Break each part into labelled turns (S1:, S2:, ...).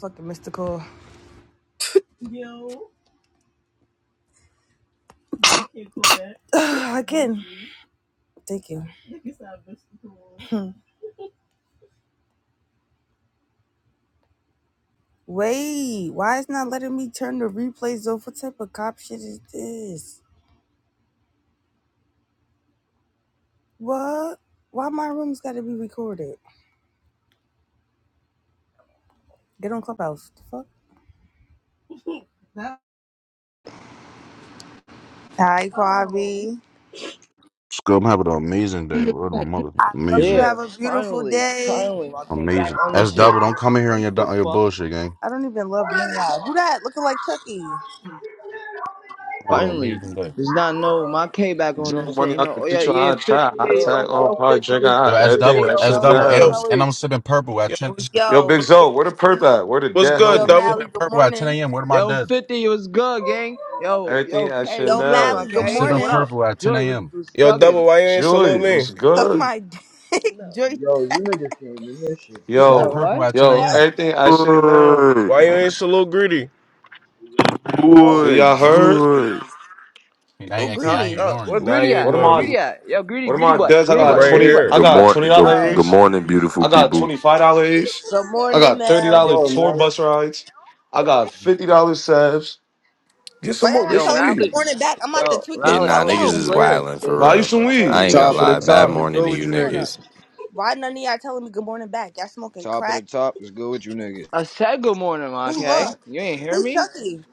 S1: fucking mystical. Ugh, Again, thank you. Wait, why is not letting me turn the replays off? What type of cop shit is this? What? Why my room's got to be recorded? Get on Clubhouse. The fuck? Hi, Kwabi.
S2: Scrub, have an amazing day. Word of my mother.
S1: Hope you
S2: Amazing.
S3: Yeah,
S1: have a beautiful
S3: finally,
S1: day.
S3: finally, my payback
S2: Amazing.
S3: on this
S2: S double,
S3: shit.
S2: don't come in here on
S3: Like
S2: your,
S3: the
S2: on your
S3: fuck?
S2: bullshit, gang.
S1: I don't even love me out. Who that? Looking like Chucky.
S2: Have an
S3: Finally,
S2: amazing day.
S3: does not know my payback on this
S4: Drunk
S3: shit.
S4: money,
S3: You
S4: I
S3: know? Oh
S4: could
S3: yeah,
S4: teach you
S3: yeah,
S4: how to try, how to
S3: fifty,
S5: Yo,
S4: tag
S3: yo,
S4: on,
S3: yo,
S5: Wog.
S4: probably
S3: fifty
S4: drinking,
S3: was
S2: Yo,
S4: out,
S3: good,
S2: S
S4: everything
S3: fifty,
S2: double,
S4: that
S3: yo,
S2: S
S4: shit
S3: Melly,
S2: double,
S3: yo,
S2: and I'm Yo,
S4: now.
S2: and
S3: Smelly,
S2: I'm sipping purple at yo, ten. what's good?
S4: Yo,
S1: Yo,
S4: Big
S2: What's good?
S4: Zo, where the perp at? Where the
S2: What's
S4: dead
S2: good,
S1: yo,
S2: I'm double?
S4: homies?
S1: Mally.
S2: sipping
S1: Good
S2: purple at ten
S1: morning.
S2: a.m. Where am I
S3: yo,
S2: dead?
S3: fifty was good, gang. Yo, yo,
S4: Everything I
S3: K
S4: should
S1: Yo,
S3: was good, my
S4: know.
S1: Mally. Good
S2: I'm
S3: K. Yo,
S2: sipping
S3: what
S1: morning.
S3: up?
S2: purple at ten
S3: Joy was
S2: a.m.
S3: was
S2: Yo,
S3: thugging.
S2: double, why you ain't salute
S4: Julie was
S2: me?
S1: Suck
S4: good.
S1: my dick, Drake.
S5: Yo, you niggas came in this shit.
S3: You said
S2: Sipping
S4: Yo,
S2: purple
S5: Woggle.
S3: what?
S2: at ten
S4: yo,
S1: What?
S2: a.m.
S4: everything I
S6: Boy,
S4: should know.
S2: Why you ain't salute greedy?
S5: Nah, I'm
S4: Do
S1: Who?
S6: boy,
S5: talking.
S4: y'all
S5: I'm talking.
S4: heard?
S6: joy.
S2: And
S1: Who?
S2: I, I can't.
S3: Huh?
S2: I ain't
S1: Greenie.
S3: Uh,
S2: ignoring
S3: where
S2: you. Now
S3: greedy
S2: you
S3: at?
S4: What am
S3: Where
S2: ignore
S4: I?
S2: me.
S3: greedy at? Yo, greedy,
S4: What am
S3: greedy
S4: I
S3: butt,
S4: does? I
S3: greedy
S2: I'm
S4: got
S3: butt,
S6: Yo,
S2: right
S3: greedy
S4: twenty.
S3: butt,
S4: I
S2: here.
S6: good
S3: greedy butt.
S4: got twenty
S6: morning, good,
S1: Oh,
S6: good
S4: dollars.
S6: morning, beautiful
S4: I got
S6: people.
S4: twenty five dollars.
S1: good
S4: I
S1: morning,
S4: got thirty
S1: Mel.
S4: dollar
S5: Go,
S4: tour
S5: Larry.
S4: bus rides. I got fifty dollars salves. Get
S1: Why
S4: some
S1: y'all
S4: more.
S1: not
S4: Get
S3: Yo,
S4: some
S1: telling me good
S4: weed.
S3: Mally,
S1: morning back? I'm about to
S3: yo,
S1: tweak the
S6: Yeah,
S3: Mally, I'm
S6: nah,
S1: fuck
S3: gonna
S6: niggas
S3: need
S1: out.
S3: you
S6: is
S3: later.
S6: wildin'
S3: ba-
S6: for
S4: Buy you some
S2: Bro,
S6: real.
S3: I'm gonna
S2: tell her
S3: need
S6: I
S4: weed.
S2: we
S3: you
S6: ain't
S2: going
S6: gonna
S3: later.
S5: Top of the
S6: lie.
S2: shopping,
S6: Bad
S5: top,
S2: bro.
S5: what's
S6: morning
S5: good
S6: to
S5: with
S6: you
S5: you
S1: Hold up.
S5: niggas?
S6: niggas.
S1: Why none of y'all telling me good morning back? Y'all smoking
S5: Top of the
S1: crack?
S5: top, what's good with you niggas?
S3: I said good morning,
S1: Who love?
S3: okay? You ain't hear
S1: Who
S3: me?
S1: Chucky?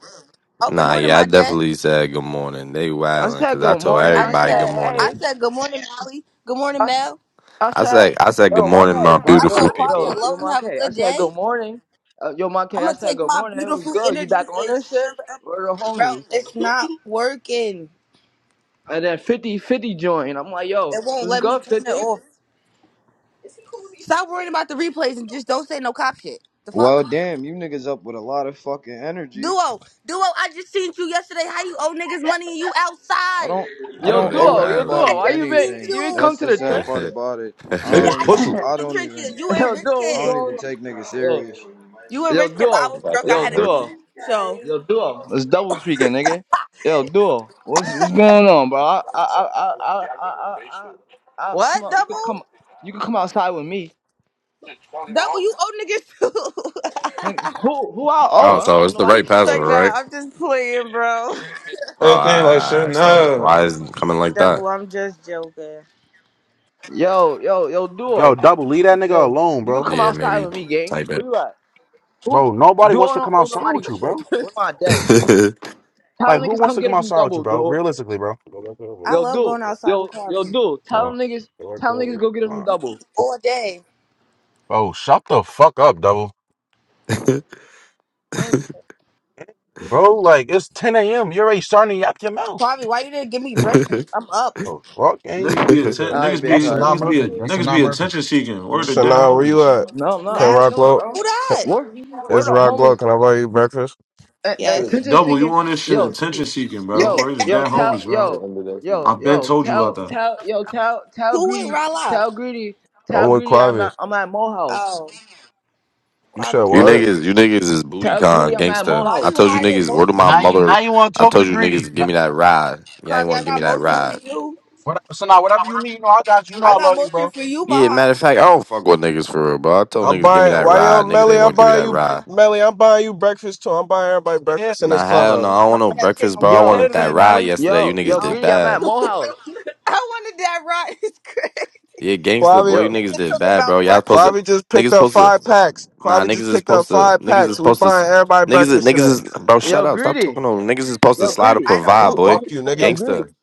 S1: Oh, good
S6: Nah,
S1: morning,
S6: yeah, I
S1: my J.
S6: definitely said good morning. They
S3: I
S6: wildin'
S3: said
S6: cause I
S3: good
S6: told
S3: morning.
S1: I
S3: I
S1: just
S3: said
S6: everybody good
S1: said, I
S3: hey.
S6: morning.
S1: said good morning, Molly. Good morning,
S3: I,
S1: Mel.
S3: I
S6: I
S3: said
S6: said, I said good
S3: yo,
S6: morning,
S3: Marquez,
S6: my
S3: my
S1: I
S6: beautiful
S1: told
S3: yo
S1: Quavi I
S6: people.
S3: yo yo
S1: love him. Have a
S3: Marquez. I
S1: good
S3: said
S1: day.
S3: good morning. Uh, yo Marquez,
S1: I'm
S3: I
S1: gonna
S3: said
S1: take
S3: good
S1: my
S3: morning. It was
S1: beautiful
S3: good. You
S1: energy
S3: back on
S1: and
S3: this
S1: shove
S3: shit?
S1: it up,
S3: Where the
S1: bro.
S3: homies?
S1: It's not working.
S3: And then fifty-fifty 50 joined. I'm like yo,
S1: It won't
S3: what's
S1: let me
S3: good
S1: turn it
S3: 50?
S1: off. Stop worrying about the replays and just don't say no cop shit. The fuck?
S5: Well, damn, you niggas up with a lot of fucking energy.
S1: Duo, duo, I just seen you yesterday. How you owe niggas money and you
S5: I
S1: outside?
S5: don't, I
S3: Yo
S6: Yo,
S5: don't
S6: they
S5: owe
S3: duo, yo
S6: wildin'.
S1: I
S3: duo.
S5: anybody
S3: Why you
S1: just
S3: been
S1: seen
S5: anything.
S3: you ain't
S1: you.
S3: come
S5: That's
S3: to
S5: the
S3: the
S5: sad
S3: trench?
S5: part about it. I
S1: Nigga,
S4: Niggas
S1: I
S5: don't
S1: seen
S5: even,
S4: pussy.
S1: you in
S5: I
S1: the
S5: don't even,
S1: trenches. You a
S3: Yo
S1: rich
S3: duo,
S5: I
S3: what's
S1: kid.
S5: don't
S3: going
S5: even
S3: on?
S5: take niggas
S3: Yo
S5: serious.
S1: You a
S3: yo
S1: rich kid, but I
S6: The
S3: duo,
S1: was drunk. I
S6: password
S3: yo
S6: ain't
S1: had to
S6: working.
S3: duo.
S1: pee. So,
S3: Yo, duo. It's double speaking, nigga. Yo, duo. What's what's going on, bro? I I I I I I I, I
S1: what?
S3: come out. You could
S1: Double?
S3: come. You could come outside with me,
S1: Double, you owe niggas too.
S3: nigga.
S1: it's
S3: Who who I owe?
S6: Oh,
S3: I don't
S6: so
S3: owe
S6: it's the
S3: nobody
S6: right password,
S1: like,
S3: shit.
S1: nah,
S6: right?
S1: I'm just playing, bro.
S6: Oh, all
S4: Anything like
S6: right, all
S4: shit.
S6: right. so
S4: Nah,
S6: why is it coming like
S1: Double,
S6: that?
S1: I'm just joking.
S3: Yo yo yo
S2: Yo,
S3: duo.
S2: double, leave that nigga
S3: Yo,
S2: alone,
S3: you could
S2: bro.
S3: come
S6: Yeah,
S3: outside
S6: maybe
S3: with me, gang.
S6: type
S3: Where
S6: it.
S3: you at? Who?
S2: Bro, nobody
S3: Duo
S2: wants to
S3: don't
S2: come
S3: owe
S2: outside
S3: nobody
S2: with you,
S3: shit.
S2: bro.
S3: Where my deads.
S6: Good.
S3: Tell
S2: Like,
S3: them
S2: who
S3: niggas
S2: wants
S3: come
S2: to
S3: get
S2: come
S3: it from
S2: outside with you,
S3: double,
S2: bro?
S3: duo.
S2: Realistically, bro.
S1: I
S3: Yo,
S1: love
S3: duo.
S1: going outside
S3: Yo
S1: with
S3: yo
S1: Kwame.
S3: duo. Tell
S2: Oh,
S3: them niggas. Tell them niggas go get it from
S2: uh,
S1: We
S3: double.
S1: eat all day.
S2: bro, shut the fuck up, double.
S6: Right
S1: Oh, shit.
S2: Bro, like, it's 10 a.m. You're already starting to yap your mouth.
S1: Kwame, why you didn't give me breakfast? I'm up.
S2: Oh, fuck,
S4: niggas
S2: fucking.
S4: be atten-
S3: All right,
S4: niggas
S3: big
S2: That's
S4: be
S3: cuz.
S2: Sanaa
S4: niggas be
S2: Murphy. That's
S4: niggas
S2: Sanaa
S4: be
S2: Murphy.
S4: attention seeking. Where the dead
S2: Sanaa, where you
S4: homies?
S2: at?
S3: No, no,
S2: Can
S3: I'm
S1: Mad.
S2: Rock
S3: chilling,
S2: Low?
S3: bro.
S1: Who that?
S3: Where, where
S2: It's
S3: the
S2: Rock Low.
S3: homies?
S2: Can I buy you breakfast?
S3: Uh,
S1: Yes.
S3: attention
S4: Double, you
S3: seeking.
S4: on this shit?
S3: Yo,
S4: Attention seeking, bro.
S3: yo,
S4: Where the
S3: yo,
S4: dead
S3: tell,
S4: homies, bro?
S3: yo,
S6: under that seat.
S3: yo,
S4: I've been
S3: yo,
S4: told you
S3: tell,
S4: about that.
S3: tell, yo, tell, tell
S1: Who with
S3: greedy,
S1: Rala?
S3: tell greedy, tell
S2: I'm with
S3: greedy. I'm
S2: Quavi.
S3: at, I'm at Mo House.
S1: Oh,
S2: You said
S1: Kwabi,
S6: You
S1: why you
S2: what?
S6: niggas, you niggas is booty
S3: Tell greedy,
S6: con
S3: I'm at Mo
S6: gangsta.
S1: why
S6: I
S3: House.
S1: you
S6: told you
S1: hiding
S6: niggas, word of my
S2: Now
S1: motion?
S2: you,
S6: mother.
S2: now you want to
S6: I
S2: talk to
S6: told you niggas, to
S2: Greedy.
S6: give
S2: Now,
S6: me that ride. Y'all ain't
S1: Kwabi,
S6: want
S1: I
S6: to give me
S1: got
S6: that
S1: motion for
S6: ride.
S1: you.
S2: what, Sanaa, whatever you need, you know, I got you. You know
S1: I
S2: I
S1: got
S2: love you, bro.
S1: motion for you, my
S6: Yeah,
S1: heart.
S6: matter of fact, I don't fuck with niggas for real, bro. I told
S2: I'm
S6: niggas, give me
S2: buying.
S6: that
S2: Why
S6: ride.
S2: you
S6: Niggas
S2: Melly?
S6: ain't
S2: I'm
S6: want to give me
S2: buying
S6: that
S2: you,
S6: ride.
S2: Melly. I'm buying you breakfast too. I'm buying everybody Yeah, breakfast in this
S6: Nah,
S1: Oh
S6: hell
S1: no,
S6: no,
S2: clubhouse.
S1: I
S6: I don't want
S1: don't
S6: no
S1: want that shit
S6: breakfast, bro.
S1: no
S6: I
S2: good
S1: more.
S2: day
S6: wanted
S3: Yo,
S6: that
S2: today,
S6: ride
S2: Melly.
S6: yesterday. You
S3: yo,
S6: niggas
S3: yo,
S1: I,
S6: did
S1: don't,
S3: greedy, I'm at
S6: bad.
S3: Mo House.
S1: I wanted that right. It's crazy.
S6: Yeah, gangsta,
S2: Quavi,
S6: boy, you
S3: Yo,
S6: niggas
S1: Niggas
S6: did
S1: talk
S6: bad,
S1: about
S6: bro. Y'all supposed to,
S1: breakfast.
S2: Quavi just
S6: niggas
S2: picked up
S6: supposed to.
S2: five packs.
S6: Nah,
S2: Quavi
S6: niggas
S2: just
S6: is
S2: picked up
S6: supposed to.
S2: five
S6: Niggas is
S2: packs. We
S6: supposed to.
S2: buying everybody
S6: Niggas, is,
S2: breakfast
S6: niggas
S2: today.
S6: is bro.
S3: yo,
S6: Shut up! Stop
S3: greedy,
S6: talking on. Niggas is supposed to
S3: yo,
S1: Nigga,
S6: slide or
S3: greedy.
S1: I don't
S6: provide,
S1: want
S3: You,
S6: boy.
S2: Fuck
S3: you,
S1: Kwabi
S2: you,
S1: money.
S3: yo,
S2: nigga.
S3: greedy,
S6: Gangster,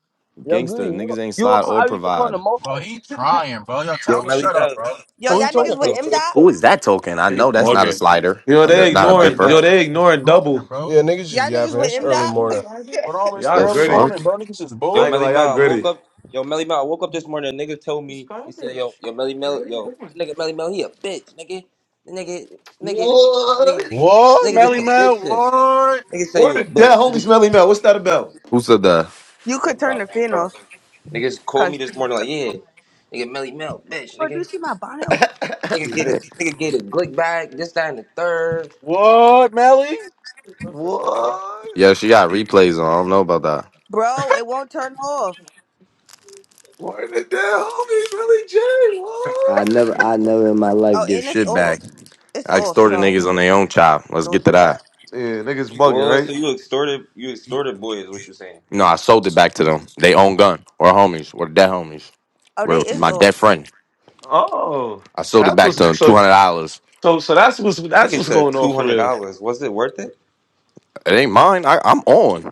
S3: yo, greedy.
S6: gangster.
S3: You,
S6: Niggas ain't
S3: you and
S6: slide or
S3: Kyrie could come to
S6: provide.
S3: Mo
S2: Bro, he
S3: House.
S2: trying, bro. Yo, tell
S7: Yo,
S2: him
S7: Melly
S2: shut up,
S7: Mel.
S2: bro.
S1: Yo,
S7: Why
S2: Who you
S1: y'all
S7: somebody?
S1: niggas
S2: talking
S7: Yo,
S1: with
S2: to?
S1: M
S7: Melly
S1: dot.
S6: Who
S7: Mel.
S6: is that talking? I
S8: Hey,
S6: know that's not a
S8: Morgan.
S6: slider,
S4: Yo,
S6: uh, that-
S4: they
S6: not
S7: Yo,
S6: a
S7: Melly
S4: ignoring.
S6: bipper.
S4: Yo,
S7: Mel.
S4: they
S2: Niggas just
S4: ignoring
S2: talking,
S4: double.
S2: bro. Yeah, niggas just
S1: Y'all niggas
S2: yapping.
S1: with
S2: It's
S1: M
S2: early
S1: dot.
S2: morning. What all this
S4: Y'all
S6: The
S2: early
S4: gritty.
S6: fuck?
S2: morning, bro? Niggas just
S7: Yo,
S4: I
S2: bored.
S4: ain't gonna
S7: Melly
S4: lie,
S7: Mel.
S4: y'all
S7: I woke
S4: gritty.
S7: up. Yo, Melly Mel. I woke up this morning. A nigga told me. He said, Yo, yo, Melly Mel. Yo, that nigga, Melly Mel. He a bitch, nigga. Nigga, nigga,
S4: What?
S7: nigga,
S2: What,
S7: nigga, just
S2: Melly
S7: some bitch
S2: Mel?
S7: shit.
S2: What?
S7: Nigga say
S4: Where
S7: you a
S4: the dead
S7: bitch.
S4: homies,
S7: Nigga,
S4: Melly Mel? What's that about?
S6: Who said that?
S1: You could turn
S7: bro,
S1: the fan
S7: bro.
S1: off,
S7: Niggas called me
S1: cause
S7: this
S1: this is
S7: morning like,
S1: gonna blow.
S7: yeah,
S1: up.
S7: nigga, Melly Mel, bitch,
S1: Bro, do you
S7: nigga.
S1: see my bonnet open?
S7: Nigga get
S2: Yeah.
S7: it. Nigga get it. Glick back. This, that, and the third.
S2: What, Melly?
S4: What?
S6: Yeah, she got replays on. I don't know about that.
S1: Bro, it won't turn off.
S4: Where the dead homies, Melly J?
S6: I
S4: What?
S6: never, I never in my life
S1: Oh,
S6: give
S1: and it's
S6: shit back.
S1: off. It's
S6: I
S1: off.
S6: extorted
S1: So
S6: niggas on their own child. Let's
S1: don't
S6: get to
S1: do
S6: that.
S1: that.
S4: Yeah, niggas bugging,
S7: Well, so
S4: right?
S7: you extorted. You extorted boy is what you saying?
S6: You know, I sold it back to them. They own gun or homies or dead homies
S1: Oh, they
S6: or
S1: is
S6: my
S1: off.
S6: dead friend.
S4: Oh,
S6: I sold it
S4: that's
S6: back to them.
S4: what's so.
S6: $200.
S4: So so that's what's that's
S7: Nigga
S4: what's
S7: said
S4: going on
S7: two
S4: for
S7: hundred
S4: real.
S7: dollars. Was it worth it?
S6: It ain't mine. I, I'm on.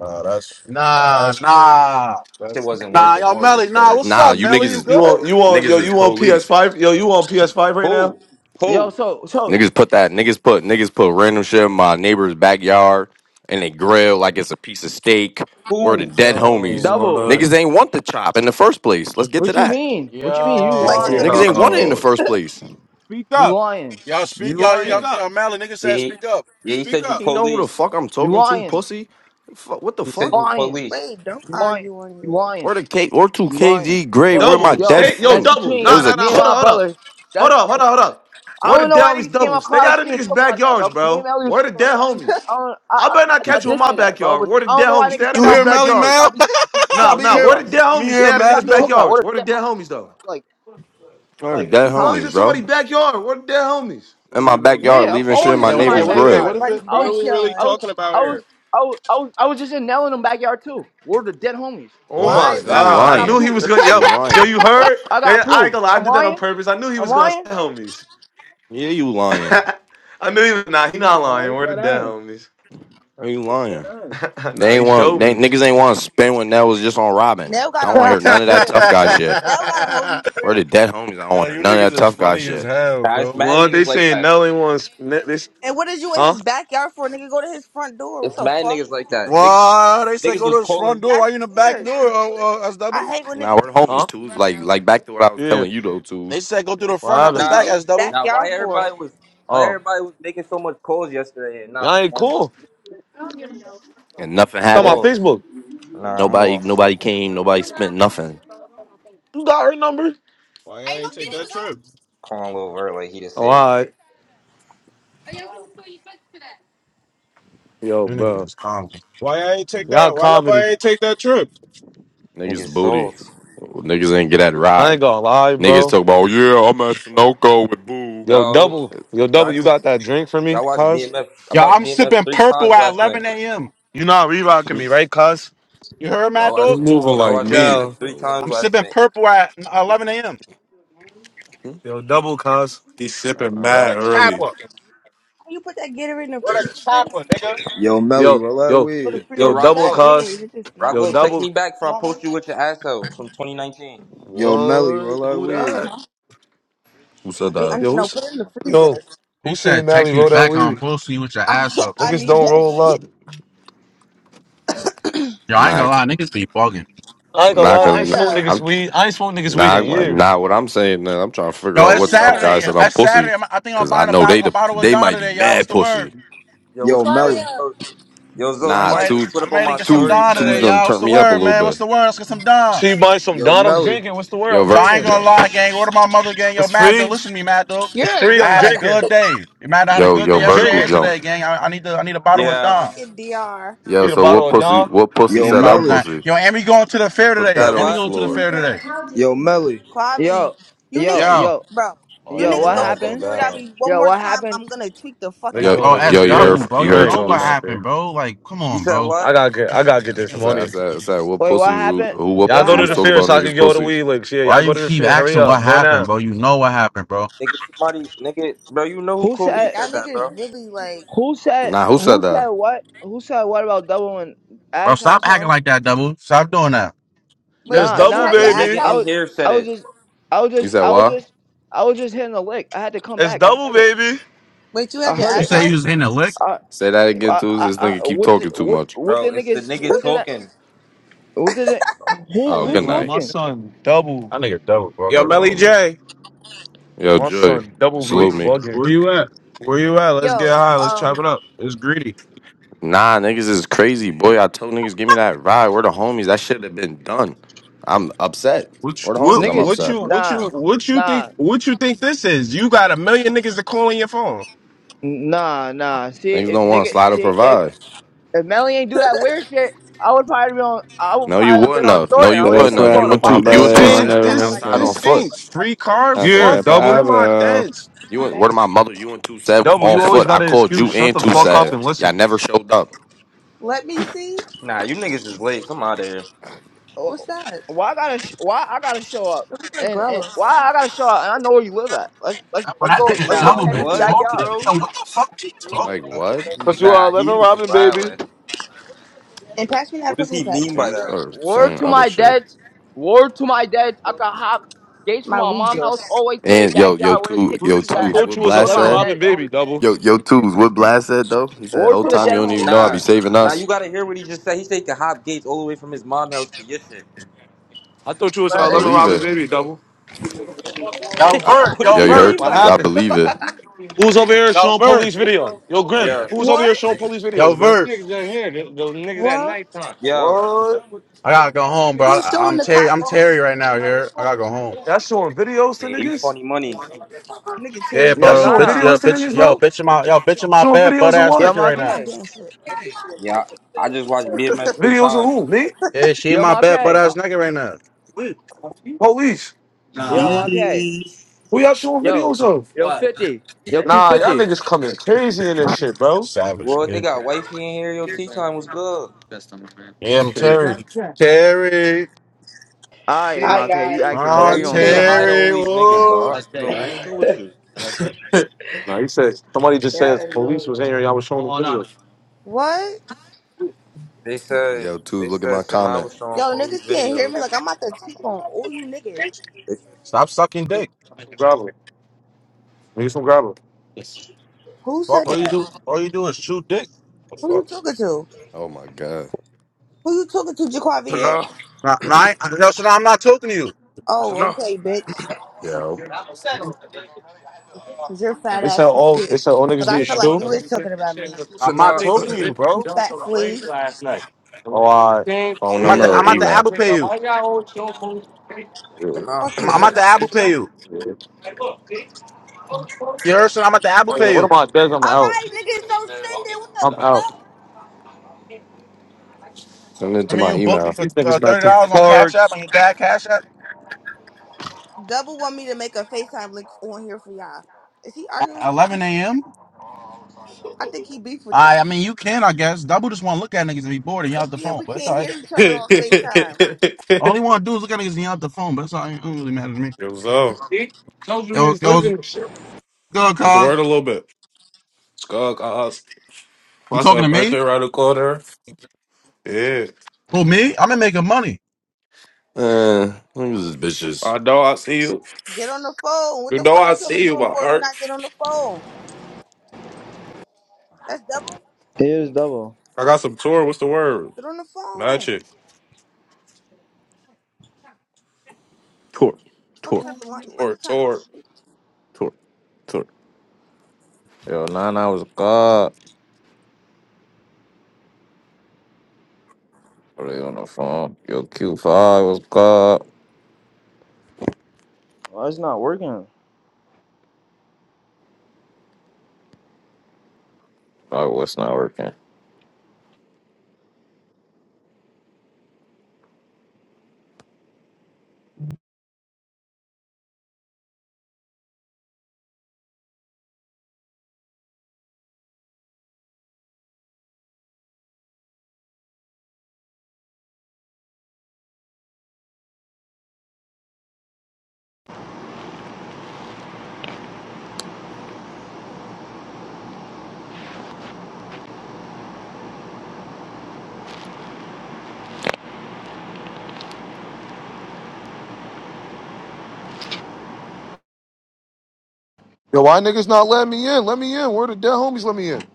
S2: Nah, that's Nah, that's nah,
S7: Shit
S2: that's
S7: wasn't worth
S2: nah,
S7: it.
S2: yo,
S7: More of the
S2: Melly, nah,
S7: story.
S2: what's
S6: Nah,
S2: up,
S6: you niggas
S2: Melly? You
S6: is
S4: You
S2: good?
S4: want you want
S6: niggas
S4: yo
S6: is
S4: you want PS
S6: police.
S4: five yo you want PS five right now?
S7: Who?
S3: Yo,
S7: Who?
S3: so, so
S6: Niggas put that niggas put niggas put random shit in my neighbor's backyard and they grill like it's a piece of steak or the
S7: Who?
S6: dead
S8: you
S6: homies.
S8: know
S2: yo.
S8: What
S3: double.
S8: up?
S6: Niggas ain't want the chop in the first place. Let's get to
S3: What you
S6: that.
S3: mean? What you mean? You
S8: Did you
S1: Like
S8: see
S1: it's a
S3: lying?
S6: Niggas
S8: how
S2: Yo,
S1: piece
S6: ain't
S1: of
S6: want it in
S1: shit.
S6: the first place.
S2: Speak
S3: You
S2: up.
S3: lying.
S2: y'all
S3: You
S2: speak, y'all, Speak y'all,
S3: lying.
S2: up. y'all Melly, nigga
S7: Yeah,
S2: said,
S7: he,
S2: speak up.
S7: yeah. He
S2: Speak
S7: said you
S2: up.
S6: He know who the
S7: police.
S6: fuck I'm
S3: You
S6: talking to,
S3: lying.
S6: pussy. Fuck, what the
S7: He
S3: You
S7: said
S6: fuck?
S7: you
S3: lying.
S7: police.
S1: Wait, don't
S3: You lying.
S1: argue on
S3: You
S1: here.
S3: lying.
S6: Or the K or two
S3: You lying.
S6: KD grave.
S3: But
S6: Where my
S4: Double
S3: yo,
S6: dead
S4: stay yo
S3: that's
S6: friend?
S4: double
S6: It
S4: nah
S6: was
S3: between
S6: a
S4: nah
S3: me
S4: nah
S6: ch-
S3: and
S4: hold
S3: my
S4: up hold up
S3: brother.
S4: hold
S3: That's
S4: up
S3: that's
S4: hold up hold up.
S3: I
S4: Word
S3: don't
S4: of
S3: know why
S4: down is
S3: niggas came
S4: double.
S3: out
S4: Stay
S3: clubhouse
S4: out of
S3: even
S4: niggas
S3: talking about that, bro.
S4: backyards,
S3: Cause me and
S4: bro.
S3: Ellie was
S4: Word of
S3: talking about
S4: dead
S3: that.
S4: homies.
S3: I don't. I,
S4: I better not
S7: He,
S3: I I
S4: catch you in
S3: did
S4: my
S3: say that, bro.
S4: backyard.
S3: But
S4: Word
S3: I
S4: of
S3: don't
S4: dead
S3: know why
S4: homies. Stay
S3: niggas
S4: out
S3: said
S4: of
S2: You
S3: that on
S4: niggas
S2: hear Melly,
S3: clubhouse. This should
S4: backyards.
S3: I
S2: Mel?
S3: be. This is what I
S2: I
S4: No
S3: be
S2: mean,
S4: no
S3: talking
S2: here,
S4: word
S3: about.
S4: of dead
S2: I mean,
S4: homies.
S3: This
S4: Stay
S2: here,
S3: is
S4: out of
S3: what I
S2: Mad
S4: niggas
S3: be
S2: Dog.
S3: talking about.
S4: backyards.
S3: What are
S4: Word
S3: dead
S4: of
S3: homies?
S4: dead homies though.
S3: Like
S6: or
S3: like
S6: dead
S4: You
S3: huh?
S4: always in
S6: homies, bro.
S4: somebody's backyard. Word of dead homies.
S2: What
S6: In
S2: are
S6: my
S2: we really ta-
S6: backyard,
S3: Yeah, I'm
S6: leaving shit
S1: Nigga
S6: in
S3: always
S1: said
S3: in
S6: my
S2: Yeah,
S1: you
S2: what, yeah,
S3: somebody's
S6: neighbor's
S1: always
S2: what is
S1: in
S2: it?
S6: grill.
S2: What
S3: backyard.
S2: is
S1: somebody's
S2: it?
S3: I
S2: what are
S3: was,
S2: we really
S3: I
S1: backyard.
S3: was,
S2: talking about
S3: I was,
S2: here?
S3: I was, I was, I was just in Nell in them backyard too. We're the dead homies,
S4: Oh my
S1: Why
S2: What?
S3: and I
S6: You
S3: got,
S1: though?
S3: I
S4: god! I
S3: got
S4: knew
S6: lying.
S4: he
S3: proof.
S4: was gonna.
S6: You
S4: Yo, yo,
S6: lying.
S4: you heard?
S3: I
S4: Yeah,
S3: got
S4: yeah, I ain't
S3: proof.
S4: gonna lie. I
S3: I'm
S4: did that on
S3: lying.
S4: purpose. I knew he
S3: I'm
S4: was gonna say
S3: lying.
S4: homies.
S6: Yeah, you lying.
S4: I knew he was nah. He not
S2: Uh,
S4: lying.
S2: who's
S4: Where the
S2: that
S4: dead
S2: ass?
S4: homies?
S6: Are you lying?
S2: Who's
S6: They
S4: nah, he
S6: ain't want
S4: showed
S6: they
S4: me.
S6: niggas ain't want to spend when that was just on Robin.
S1: Nell
S6: I
S1: got
S2: that
S1: a
S6: don't want to
S1: whole
S6: hear
S1: new
S6: none of that
S1: crib.
S6: tough guy shit.
S1: Nell got a whole
S2: ass?
S1: new
S6: Or
S1: crib.
S6: the dead homies. I don't
S2: yo,
S6: want to
S2: you
S6: hear none of
S2: niggas
S6: that
S2: is
S6: tough guy
S2: funny as
S6: shit.
S2: hell,
S7: nah, it's
S2: bro.
S7: mad
S4: What they
S7: niggas like
S4: saying?
S7: that.
S4: Nelly wants ne- this?
S1: And what is you in
S4: Huh?
S1: his backyard for? Nigga, go to his front door. What
S7: It's
S1: the
S7: mad
S1: fuck?
S7: niggas like that. Niggas,
S2: Why they said
S7: niggas
S2: go
S7: was
S2: to the
S7: calling
S2: front
S7: me.
S2: door?
S1: That's
S2: Why you in the back
S1: weird.
S2: door? Uh, uh, as
S1: I
S2: double?
S1: hate when
S6: Now
S1: niggas
S6: we're the homies
S4: Huh?
S6: tools. Like like back to what I was
S4: Yeah.
S6: telling you though tools.
S2: They said go through the
S4: What
S2: front, not
S1: fuck
S2: the
S4: happened?
S1: is you
S2: back.
S1: in
S7: Now,
S1: his
S2: As double.
S7: now, why
S1: backyard for?
S7: everybody
S1: How
S7: was, why
S4: Oh,
S7: everybody was making so much calls yesterday and not
S4: y'all ain't
S7: performing?
S4: cool.
S9: Someone else.
S6: And
S9: Trusting
S6: nothing
S7: I'm
S9: some
S4: Got my
S9: doctor
S6: happened.
S7: lost.
S9: with
S4: Facebook.
S9: who
S7: Nah, I'm
S9: spent
S6: Nobody
S9: years of
S7: lost.
S9: his
S6: nobody
S9: life
S6: came.
S9: learning. No,
S6: Nobody
S9: no, no,
S6: spent
S9: no, no,
S6: nothing.
S4: You got her number?
S2: Why I ain't take that trip?
S7: Calling Lil Vert like he the
S4: Oh,
S7: savior.
S4: all right. Yo,
S2: You niggas
S4: bro.
S2: is comedy. Why I ain't take
S4: Y'all
S2: that? Why
S4: comedy.
S2: nobody ain't take that trip?
S7: Niggas
S6: Niggas booty.
S7: soft.
S6: Niggas ain't get that
S4: I
S6: ride.
S4: ain't gonna lie,
S6: Niggas
S4: bro.
S6: talk about yeah I'm at Sunoco with Boo.
S4: Yo,
S7: Yo,
S4: double. Yo,
S7: y'all
S4: double. You
S7: just,
S4: got that drink for me,
S7: y'all watched
S4: cuz?
S7: BMF. I
S2: Yo,
S7: watched
S2: I'm
S7: BMF
S2: sipping
S7: three
S2: purple
S7: times
S2: at
S7: last night.
S2: 11 a.m.
S4: You not
S6: Hmm?
S4: rerocking me, right, cuz?
S2: You heard my
S7: Y'all
S8: he
S6: You
S7: watched
S2: dog?
S6: know what?
S8: moving
S7: y'all
S8: like
S7: watched
S6: My
S8: me?
S6: toes
S4: Yo.
S7: BMF
S6: was
S7: three
S6: cold.
S7: times
S2: I'm
S7: last
S2: sipping
S7: night.
S2: purple at 11 a.m.
S6: Hmm?
S4: Yo, double cuz.
S8: He's
S6: I,
S8: sipping
S6: I ain't
S2: Where
S6: hear
S8: mad
S2: the
S6: it.
S8: early.
S2: capper? Where
S1: you put that Gatorade in the
S2: the
S1: freezer
S2: capper, nigga?
S5: Yo, Melly,
S4: Yo,
S5: roll that
S4: yo,
S1: or the
S5: weed.
S7: Yo,
S4: yo,
S1: freezer? We
S7: Rock
S4: double
S1: got
S7: Low.
S1: Gatorade.
S4: cuz.
S1: It's just
S7: Rock
S1: not
S4: Yo,
S7: Low,
S1: cool.
S7: text me
S4: double.
S7: back for
S1: You
S7: I
S1: want one?
S7: post you with your asshole from 2019.
S5: Yo, Melly,
S4: What?
S5: roll that
S4: Who
S5: weed.
S4: that?
S6: Who said
S1: They un-
S6: that?
S4: Yo,
S1: no,
S4: who's?
S1: put it in the freezer.
S4: Yo, who
S2: He
S4: seen
S2: said,
S4: Mally
S2: "Text me
S4: roll that
S2: back. I'm
S4: weed.
S2: posting you with your ass
S1: I
S2: up."
S1: I
S4: Niggas
S2: Yo,
S1: need
S4: don't
S1: that
S4: roll up.
S1: shit.
S2: I ain't gonna
S6: Not,
S2: lie, niggas be bugging.
S4: I ain't gonna
S6: not,
S4: lie, I
S6: cause
S4: ain't
S6: nah,
S4: smoke
S1: Jacaria,
S4: niggas
S6: I'm
S4: weed. I ain't smoke niggas weed in
S6: not,
S4: years.
S6: not what I'm saying. Man. I'm trying to figure
S2: Yo,
S6: out
S2: it's
S6: what tough
S1: Jacaria,
S6: guy
S2: Saturday.
S6: said I'm
S2: It's
S6: pussy,
S2: Saturday. I'm- I think I'm
S6: cause I
S2: buying a
S6: know they
S2: bottle, a
S6: the,
S2: bottle of
S6: they
S2: Don
S6: might be
S2: today, y'all. What's
S6: mad
S2: the
S6: pussy.
S2: word?
S7: Yo, what's
S5: Yo,
S7: the worst?
S5: Melly.
S1: Jacaria.
S7: Yo, yo, Zo,
S6: Nah,
S2: I'm
S7: somebody
S2: ready.
S7: just
S6: two,
S7: slid
S2: I'm
S7: up on
S2: ready
S7: my
S2: to get some
S6: two,
S7: story.
S2: Don
S6: two's
S2: today,
S7: Said,
S6: done
S2: y'all. What's
S6: turn
S2: the
S6: me up a
S2: word,
S6: little
S2: man?
S6: bit.
S2: What's the word? Let's get some Don.
S4: See, you buy some
S5: Yo,
S4: Don. I'm
S5: Melly.
S4: drinking. What's the word?
S6: Yo,
S4: I'm
S2: But I
S6: vertical
S2: ain't
S4: drinking.
S2: gonna
S6: jump.
S2: lie, gang. Order my mother, gang. Yo,
S4: It's
S2: Mad Dog,
S4: free.
S2: listen to me, Mad Dog.
S4: It's
S1: You're a
S4: free.
S2: I
S1: dick
S4: I'm
S2: had a
S1: rider.
S4: drinking.
S2: good day. Mad, Dog, I had a
S6: Yo,
S2: good
S6: yo,
S2: day
S4: I'm
S2: yesterday
S6: vertical
S2: and
S4: drinking.
S6: jump.
S2: today, gang. I, I need to. I need a bottle
S1: You're a
S2: of
S7: yeah.
S2: Don.
S1: fucking DR.
S6: Yo,
S4: Need a
S6: so what
S4: bottle of
S6: pussy?
S4: Don.
S6: What
S2: I
S6: pussy
S5: Yo,
S2: need a
S6: said
S2: bottle
S6: I'm
S2: of
S5: Melly.
S2: Don.
S6: pussy?
S2: Yo, and we going to the fair
S7: You
S6: Put
S2: today.
S7: said
S6: that
S2: And
S6: on
S2: we
S6: the
S7: what?
S2: going to the
S6: floor.
S2: fair today.
S5: Yo, Melly.
S1: Quavi,
S3: Yo,
S1: you
S3: yo,
S1: niggas,
S2: Yo,
S3: yo,
S1: bro.
S4: Oh
S1: You
S3: yo,
S1: niggas
S4: yeah,
S3: what
S1: go to
S4: I
S1: the
S4: been
S3: happened?
S1: field without
S4: bad.
S1: me one
S3: Yo,
S1: more
S3: what
S1: time.
S3: happened?
S1: I'm gonna tweak the fuck
S4: Niggas
S6: Yo,
S1: out.
S4: going
S2: bro,
S4: to the
S2: that's
S6: yo, you heard,
S4: fair.
S2: double, bro.
S6: you
S2: You
S4: I
S6: heard
S4: ain't
S2: know
S4: going
S2: what
S6: twos.
S4: out
S2: happened,
S4: there.
S2: bro? Like, come
S7: You
S2: on,
S7: said
S2: bro.
S4: I
S7: what?
S4: gotta get. I gotta get this
S6: I said, I
S4: money.
S6: said, I said, what
S3: Wait, what
S6: pussy? ru-
S3: happened?
S6: Who? What
S4: Y'all
S3: What
S6: pussy
S4: go to
S6: was
S4: the
S3: happened?
S6: talking
S4: fair
S6: about
S4: so I
S6: niggas
S4: can go to the
S6: pussy?
S4: weed licks. Yeah, y'all
S2: Why you
S4: go to the
S2: keep
S4: fair. Hurry
S2: asking
S4: up.
S2: what
S4: Go
S2: happened,
S4: now.
S2: bro? You know what happened, bro.
S7: Nigga, somebody, nigga, bro, you know who
S3: Who
S7: called me and
S3: said,
S1: Y'all
S7: said that,
S1: niggas
S7: bro?
S1: really like.
S3: who said,
S6: Nah, who said
S3: who said
S6: that?
S3: what? Who said what about doubling
S2: Bro,
S3: ass
S2: stop
S3: house
S2: acting
S3: home?
S2: like that, double. Stop doing that.
S4: It's
S1: Wait,
S3: Nah,
S1: W
S4: double,
S3: nah.
S1: had
S7: Bro,
S1: your
S7: the
S1: ass
S7: nigga
S4: baby.
S3: I
S1: out?
S7: in
S3: was,
S7: here said
S3: I was
S7: it,
S3: just, I was
S6: You
S3: just,
S6: said
S3: I was
S6: what?
S3: just, I was just hitting the lick. I had to come
S4: It's
S3: back. I
S4: double,
S3: heard it.
S4: baby.
S1: Wait, you
S3: I
S1: had
S2: You,
S1: your
S3: heard
S2: you
S3: it.
S1: ass
S6: Nah,
S2: say you
S1: out?
S2: was in the lick.
S3: I,
S6: Say that again,
S3: I,
S6: tools.
S3: I,
S6: This
S3: I
S6: nigga keep
S3: what, did,
S6: talking too
S3: what,
S6: much.
S3: what the
S7: bro. It's the
S3: niggas?
S7: nigga
S3: What did I?
S7: talking.
S3: What did I? Who,
S6: Oh,
S4: I ain't
S3: who
S4: gonna
S6: good
S4: lie,
S6: night.
S4: my
S3: talking?
S4: son, double.
S2: I nigga double, bro. Yo,
S6: Where the
S2: Melly
S6: homies?
S2: J.
S6: Yo,
S4: My
S6: Joy,
S4: son, double be
S2: Where,
S6: salute me.
S2: where
S4: bugging.
S2: you at? Where you at? Let's
S1: Yo,
S2: get high. Let's chop
S1: um,
S2: it up. It's greedy.
S6: Nah, niggas is crazy, boy. I told niggas give me that ride. Where the homies? That should have been done. I'm upset.
S2: What
S6: Where the
S2: you, what
S6: homies? I'm
S3: Niggas,
S2: what
S6: upset.
S2: you what
S3: nah,
S2: you what you
S3: nah,
S2: think what you think this is? You got a million niggas to call on your phone.
S3: nah, nah. See
S6: Niggas
S3: if
S6: don't want
S3: nigga,
S6: slide to
S3: see if
S6: provide.
S3: if Melly ain't do that weird shit, I would probably be on. I would
S6: No, you
S3: probably have been
S6: wouldn't
S3: on
S6: have.
S3: Thor.
S6: No,
S3: and I
S6: you
S10: So
S3: would have
S10: that's
S6: wouldn't
S3: came
S6: have.
S10: why I
S3: through on
S6: You
S3: a
S10: miss
S6: and
S10: my
S6: two,
S3: bike.
S6: you
S10: brother.
S2: This
S6: and
S10: They
S1: I
S6: two
S10: won't
S1: asked
S6: Sav
S2: ain't
S1: you
S10: never
S6: was
S1: that because
S2: this
S1: I
S10: miss
S1: knew
S6: outside
S1: what
S10: him.
S6: on
S2: this
S1: my room
S6: foot.
S2: ain't
S1: was. I
S2: free card.
S10: I
S1: meant to
S4: Yeah,
S2: Fuck
S10: said,
S2: one
S4: double.
S2: of my
S10: Pablo.
S2: dads.
S6: You
S1: come
S6: and
S1: back.
S6: where my mother? You and two Sav was
S4: Double,
S6: on
S4: you always
S6: foot. I
S4: got an
S6: called
S4: excuse.
S6: you
S4: Shut
S6: and
S4: the
S6: two
S4: fuck
S1: What,
S4: up
S6: Sav.
S1: what?
S4: and
S6: Y'all
S4: listen.
S6: never showed up.
S1: Let me see.
S7: Nah, you niggas is late. I'm out of here.
S3: Oh,
S1: What's that?
S3: Why I gotta? sh- Why I gotta show up?
S1: Let me get
S3: And
S1: grubber.
S3: and why I gotta show up? And I know where you live at. Let's let's
S2: When
S3: let's
S2: I
S3: go.
S6: That
S2: think
S6: shit
S2: of
S3: Let's go
S6: was
S7: nah,
S2: double
S3: camp in
S2: been
S3: his
S6: empty.
S7: what,
S3: backyard.
S2: talking,
S7: bro?
S2: yo, what the fuck is he talking?
S6: Like what?
S4: Cause you are
S7: Nah,
S4: 11
S7: he's
S4: Robin, baby.
S7: wildin'.
S1: And pass me that
S7: What does
S1: purple
S7: he
S1: pack.
S7: mean by
S1: My
S6: He
S1: girl.
S7: that?
S6: started
S3: Word
S6: saying
S3: to
S6: other
S3: my
S6: shit.
S3: dads. Word to my dads. I can hop gates from
S1: My
S3: my
S1: weed
S3: mom's
S1: girl.
S3: house all the way to their
S6: And yo, yo,
S3: backyard where they
S6: two,
S3: take
S2: What
S6: yo,
S2: is
S3: pictures
S2: he
S4: I
S3: and
S6: twos.
S4: thought
S6: What
S4: you was
S3: everything. Word to
S6: Blast
S4: 11
S3: my
S6: said?
S2: talking
S4: Robin,
S2: about,
S3: dads.
S4: baby,
S2: bro?
S4: double.
S6: Yo, yo, twos. What Blast said though? He said,
S3: Word
S6: "Whole
S3: to the
S6: time you
S3: dead
S6: don't
S3: homies,
S6: even know I
S3: nigga.
S6: be
S7: Nah,
S6: saving
S7: nah, you
S6: us."
S7: gotta hear what he just said. He said he can hop gates all the way from his mom house to your shit.
S4: I thought you was an
S6: I
S4: 11
S6: believe
S4: Robin,
S6: it.
S4: baby, double.
S2: Yo,
S6: I,
S2: Vert.
S7: what does
S2: Yo,
S6: yo,
S7: he
S6: you heard
S2: Vert.
S7: mean
S4: What
S7: by
S6: twos? I
S7: that?
S4: happened?
S6: believe it.
S4: Who's over here
S2: Yo,
S4: showing
S2: Vert.
S4: police video? Yo, Grim,
S7: Yo,
S4: who's over
S1: What?
S4: here showing police
S2: Yo,
S4: videos, Grim?
S2: Vert.
S1: What?
S7: yo,
S4: What?
S2: I gotta go home, bro.
S1: Who was
S2: I,
S1: showing
S2: I'm
S1: the
S2: Terry. I'm
S1: cops?
S2: Terry right now. Here, I gotta go home.
S4: Y'all showing videos to
S7: yeah, you
S4: niggas?
S7: funny money.
S1: Nigga
S2: Yeah,
S1: Terry
S4: Y'all
S3: Yo,
S2: bro.
S1: on
S4: showing
S2: Bitch,
S3: Nana.
S2: yo,
S1: Clubhouse
S4: videos to
S1: in the
S2: bitch,
S4: niggas,
S1: car.
S2: yo,
S4: bro?
S2: bitch in my, yo, bitch in my
S4: Showing
S2: bed, butt
S4: videos of
S2: ass
S3: Yo,
S4: what?
S2: naked right
S1: You're
S2: now.
S1: not
S3: Marquez.
S1: getting shit.
S7: Yeah, I just watched BMF three
S4: Videos of
S7: times.
S4: who? Me?
S2: Yeah, she in
S3: Yo,
S2: my bed, butt
S3: Marquez.
S2: ass naked right now.
S4: Police?
S3: Yo, Marquez.
S7: Bees.
S4: Who y'all showing
S3: Yo.
S4: videos of?
S3: Yo, 50. Yo,
S4: Nah, y'all
S3: Q50.
S4: niggas coming crazy in this shit, bro.
S2: Savage.
S7: What they
S2: nigga.
S7: got wifey in here. Yo, tea time was good,
S2: Yeah, I'm Terry. Terry.
S3: Alright,
S11: Hi
S3: Marquez, you
S11: guys.
S3: acting
S7: bro. Why
S2: Oh,
S3: weird. You
S7: you
S3: don't hear
S7: saying
S3: me?
S7: hi to
S2: Terry.
S7: all these niggas,
S2: Ooh.
S7: bro? Bro, what's good with you?
S4: Nah, he said somebody just says
S11: They're
S4: police was in
S11: annoying.
S4: here. and Y'all was showing them
S1: What?
S7: They said
S6: yo, twos.
S7: they
S6: Look at
S7: said
S6: my
S7: Sanaa
S6: comment.
S7: was showing
S1: Yo,
S7: police
S1: niggas can't hear
S7: videos.
S1: me. Like I'm about to cheek on all you niggas.
S7: They said
S2: Stop sucking dick.
S4: videos. Grab them. Niggas from grab them.
S1: Who
S2: Fuck,
S1: said
S2: all you do,
S1: that?
S2: all you do is shoot dick. The
S1: Who you
S2: fuck?
S1: talking to?
S6: Oh my god.
S1: Who you talking to, Jaquavier?
S7: Sanaa,
S2: Nah, nah, I, ain't- no, so now I'm not talking to you.
S1: Oh,
S7: Sanaa,
S1: okay, bitch.
S6: Yo,
S2: Mhm.
S1: Cause your fat
S4: They said
S1: ass is
S4: all.
S1: good.
S4: They said all niggas
S1: Cause
S4: do
S1: I
S4: is
S1: feel
S4: shoot.
S1: like you is talking about me.
S2: I'm not
S7: Sanaa,
S2: talking to you,
S1: You
S2: bro.
S1: fat flea.
S4: Oh, all right. Yeah.
S6: phone
S4: Yeah.
S2: I'm at the,
S6: number or
S2: I'm at the
S6: email?
S2: Apple Pay you.
S4: Yeah.
S7: Sanaa.
S1: Fuck
S2: I'm,
S1: you,
S2: I'm at
S1: bitch.
S2: the Apple Pay you. You heard, son? I'm at the Apple
S4: Oh, yeah.
S2: Pay
S4: What
S2: you.
S4: about Dez? I'm
S1: All
S4: out.
S1: right, niggas, don't send it. What the
S4: I'm out.
S1: fuck?
S6: Send it
S2: I
S6: to
S2: mean,
S6: my
S2: you booked
S6: email.
S2: it for
S4: These niggas
S2: uh,
S4: about
S2: thirty
S4: to
S2: dollars on
S4: park.
S2: Cash App and your dad Cash App
S1: Double want me to make a FaceTime link on here for y'all. Is he
S2: at
S1: arguing with y'all?
S2: eleven a.m.
S1: I think he beef with y'all.
S2: I I mean you can I guess. Double just wanna look at niggas and be bored and y'all
S1: But
S2: at the
S1: then
S2: phone,
S1: we
S2: but it's all
S1: can't
S2: right.
S1: hear each other
S8: it
S1: on FaceTime.
S2: All he wanna do is look at niggas and y'all at the phone, but it's all right. It don't really matter to me.
S8: was up.
S2: Yo, yo, good,
S8: What's the
S2: Cog.
S8: word a little bit? Skunk ass.
S2: You
S8: What's
S2: talking to
S8: up? Birthday
S2: me?
S8: around the corner. Yeah.
S2: Who me? I'm gonna making money.
S6: Uh, look at these bitches.
S8: I know I see you.
S1: Get on the phone. What
S8: You
S1: the
S8: know
S1: fuck
S8: I
S1: you tell me
S8: see you,
S1: doing
S8: my
S1: for if you
S8: heart.
S1: not get on the phone? That's devil.
S3: It is double.
S8: I got some tour. What's the word?
S1: Get on the phone.
S8: Magic.
S10: Tour,
S1: What
S10: tour,
S1: type of line? Like
S8: Tour,
S1: you kind of line?
S8: tour.
S10: tour, tour. Yo, Nana was God. Really on the phone. Yo, Q5 was God.
S3: Why it's not working?
S10: Like, what's not working?
S4: Yo, why niggas not let me in? Let me in. Where the dead homies let me in?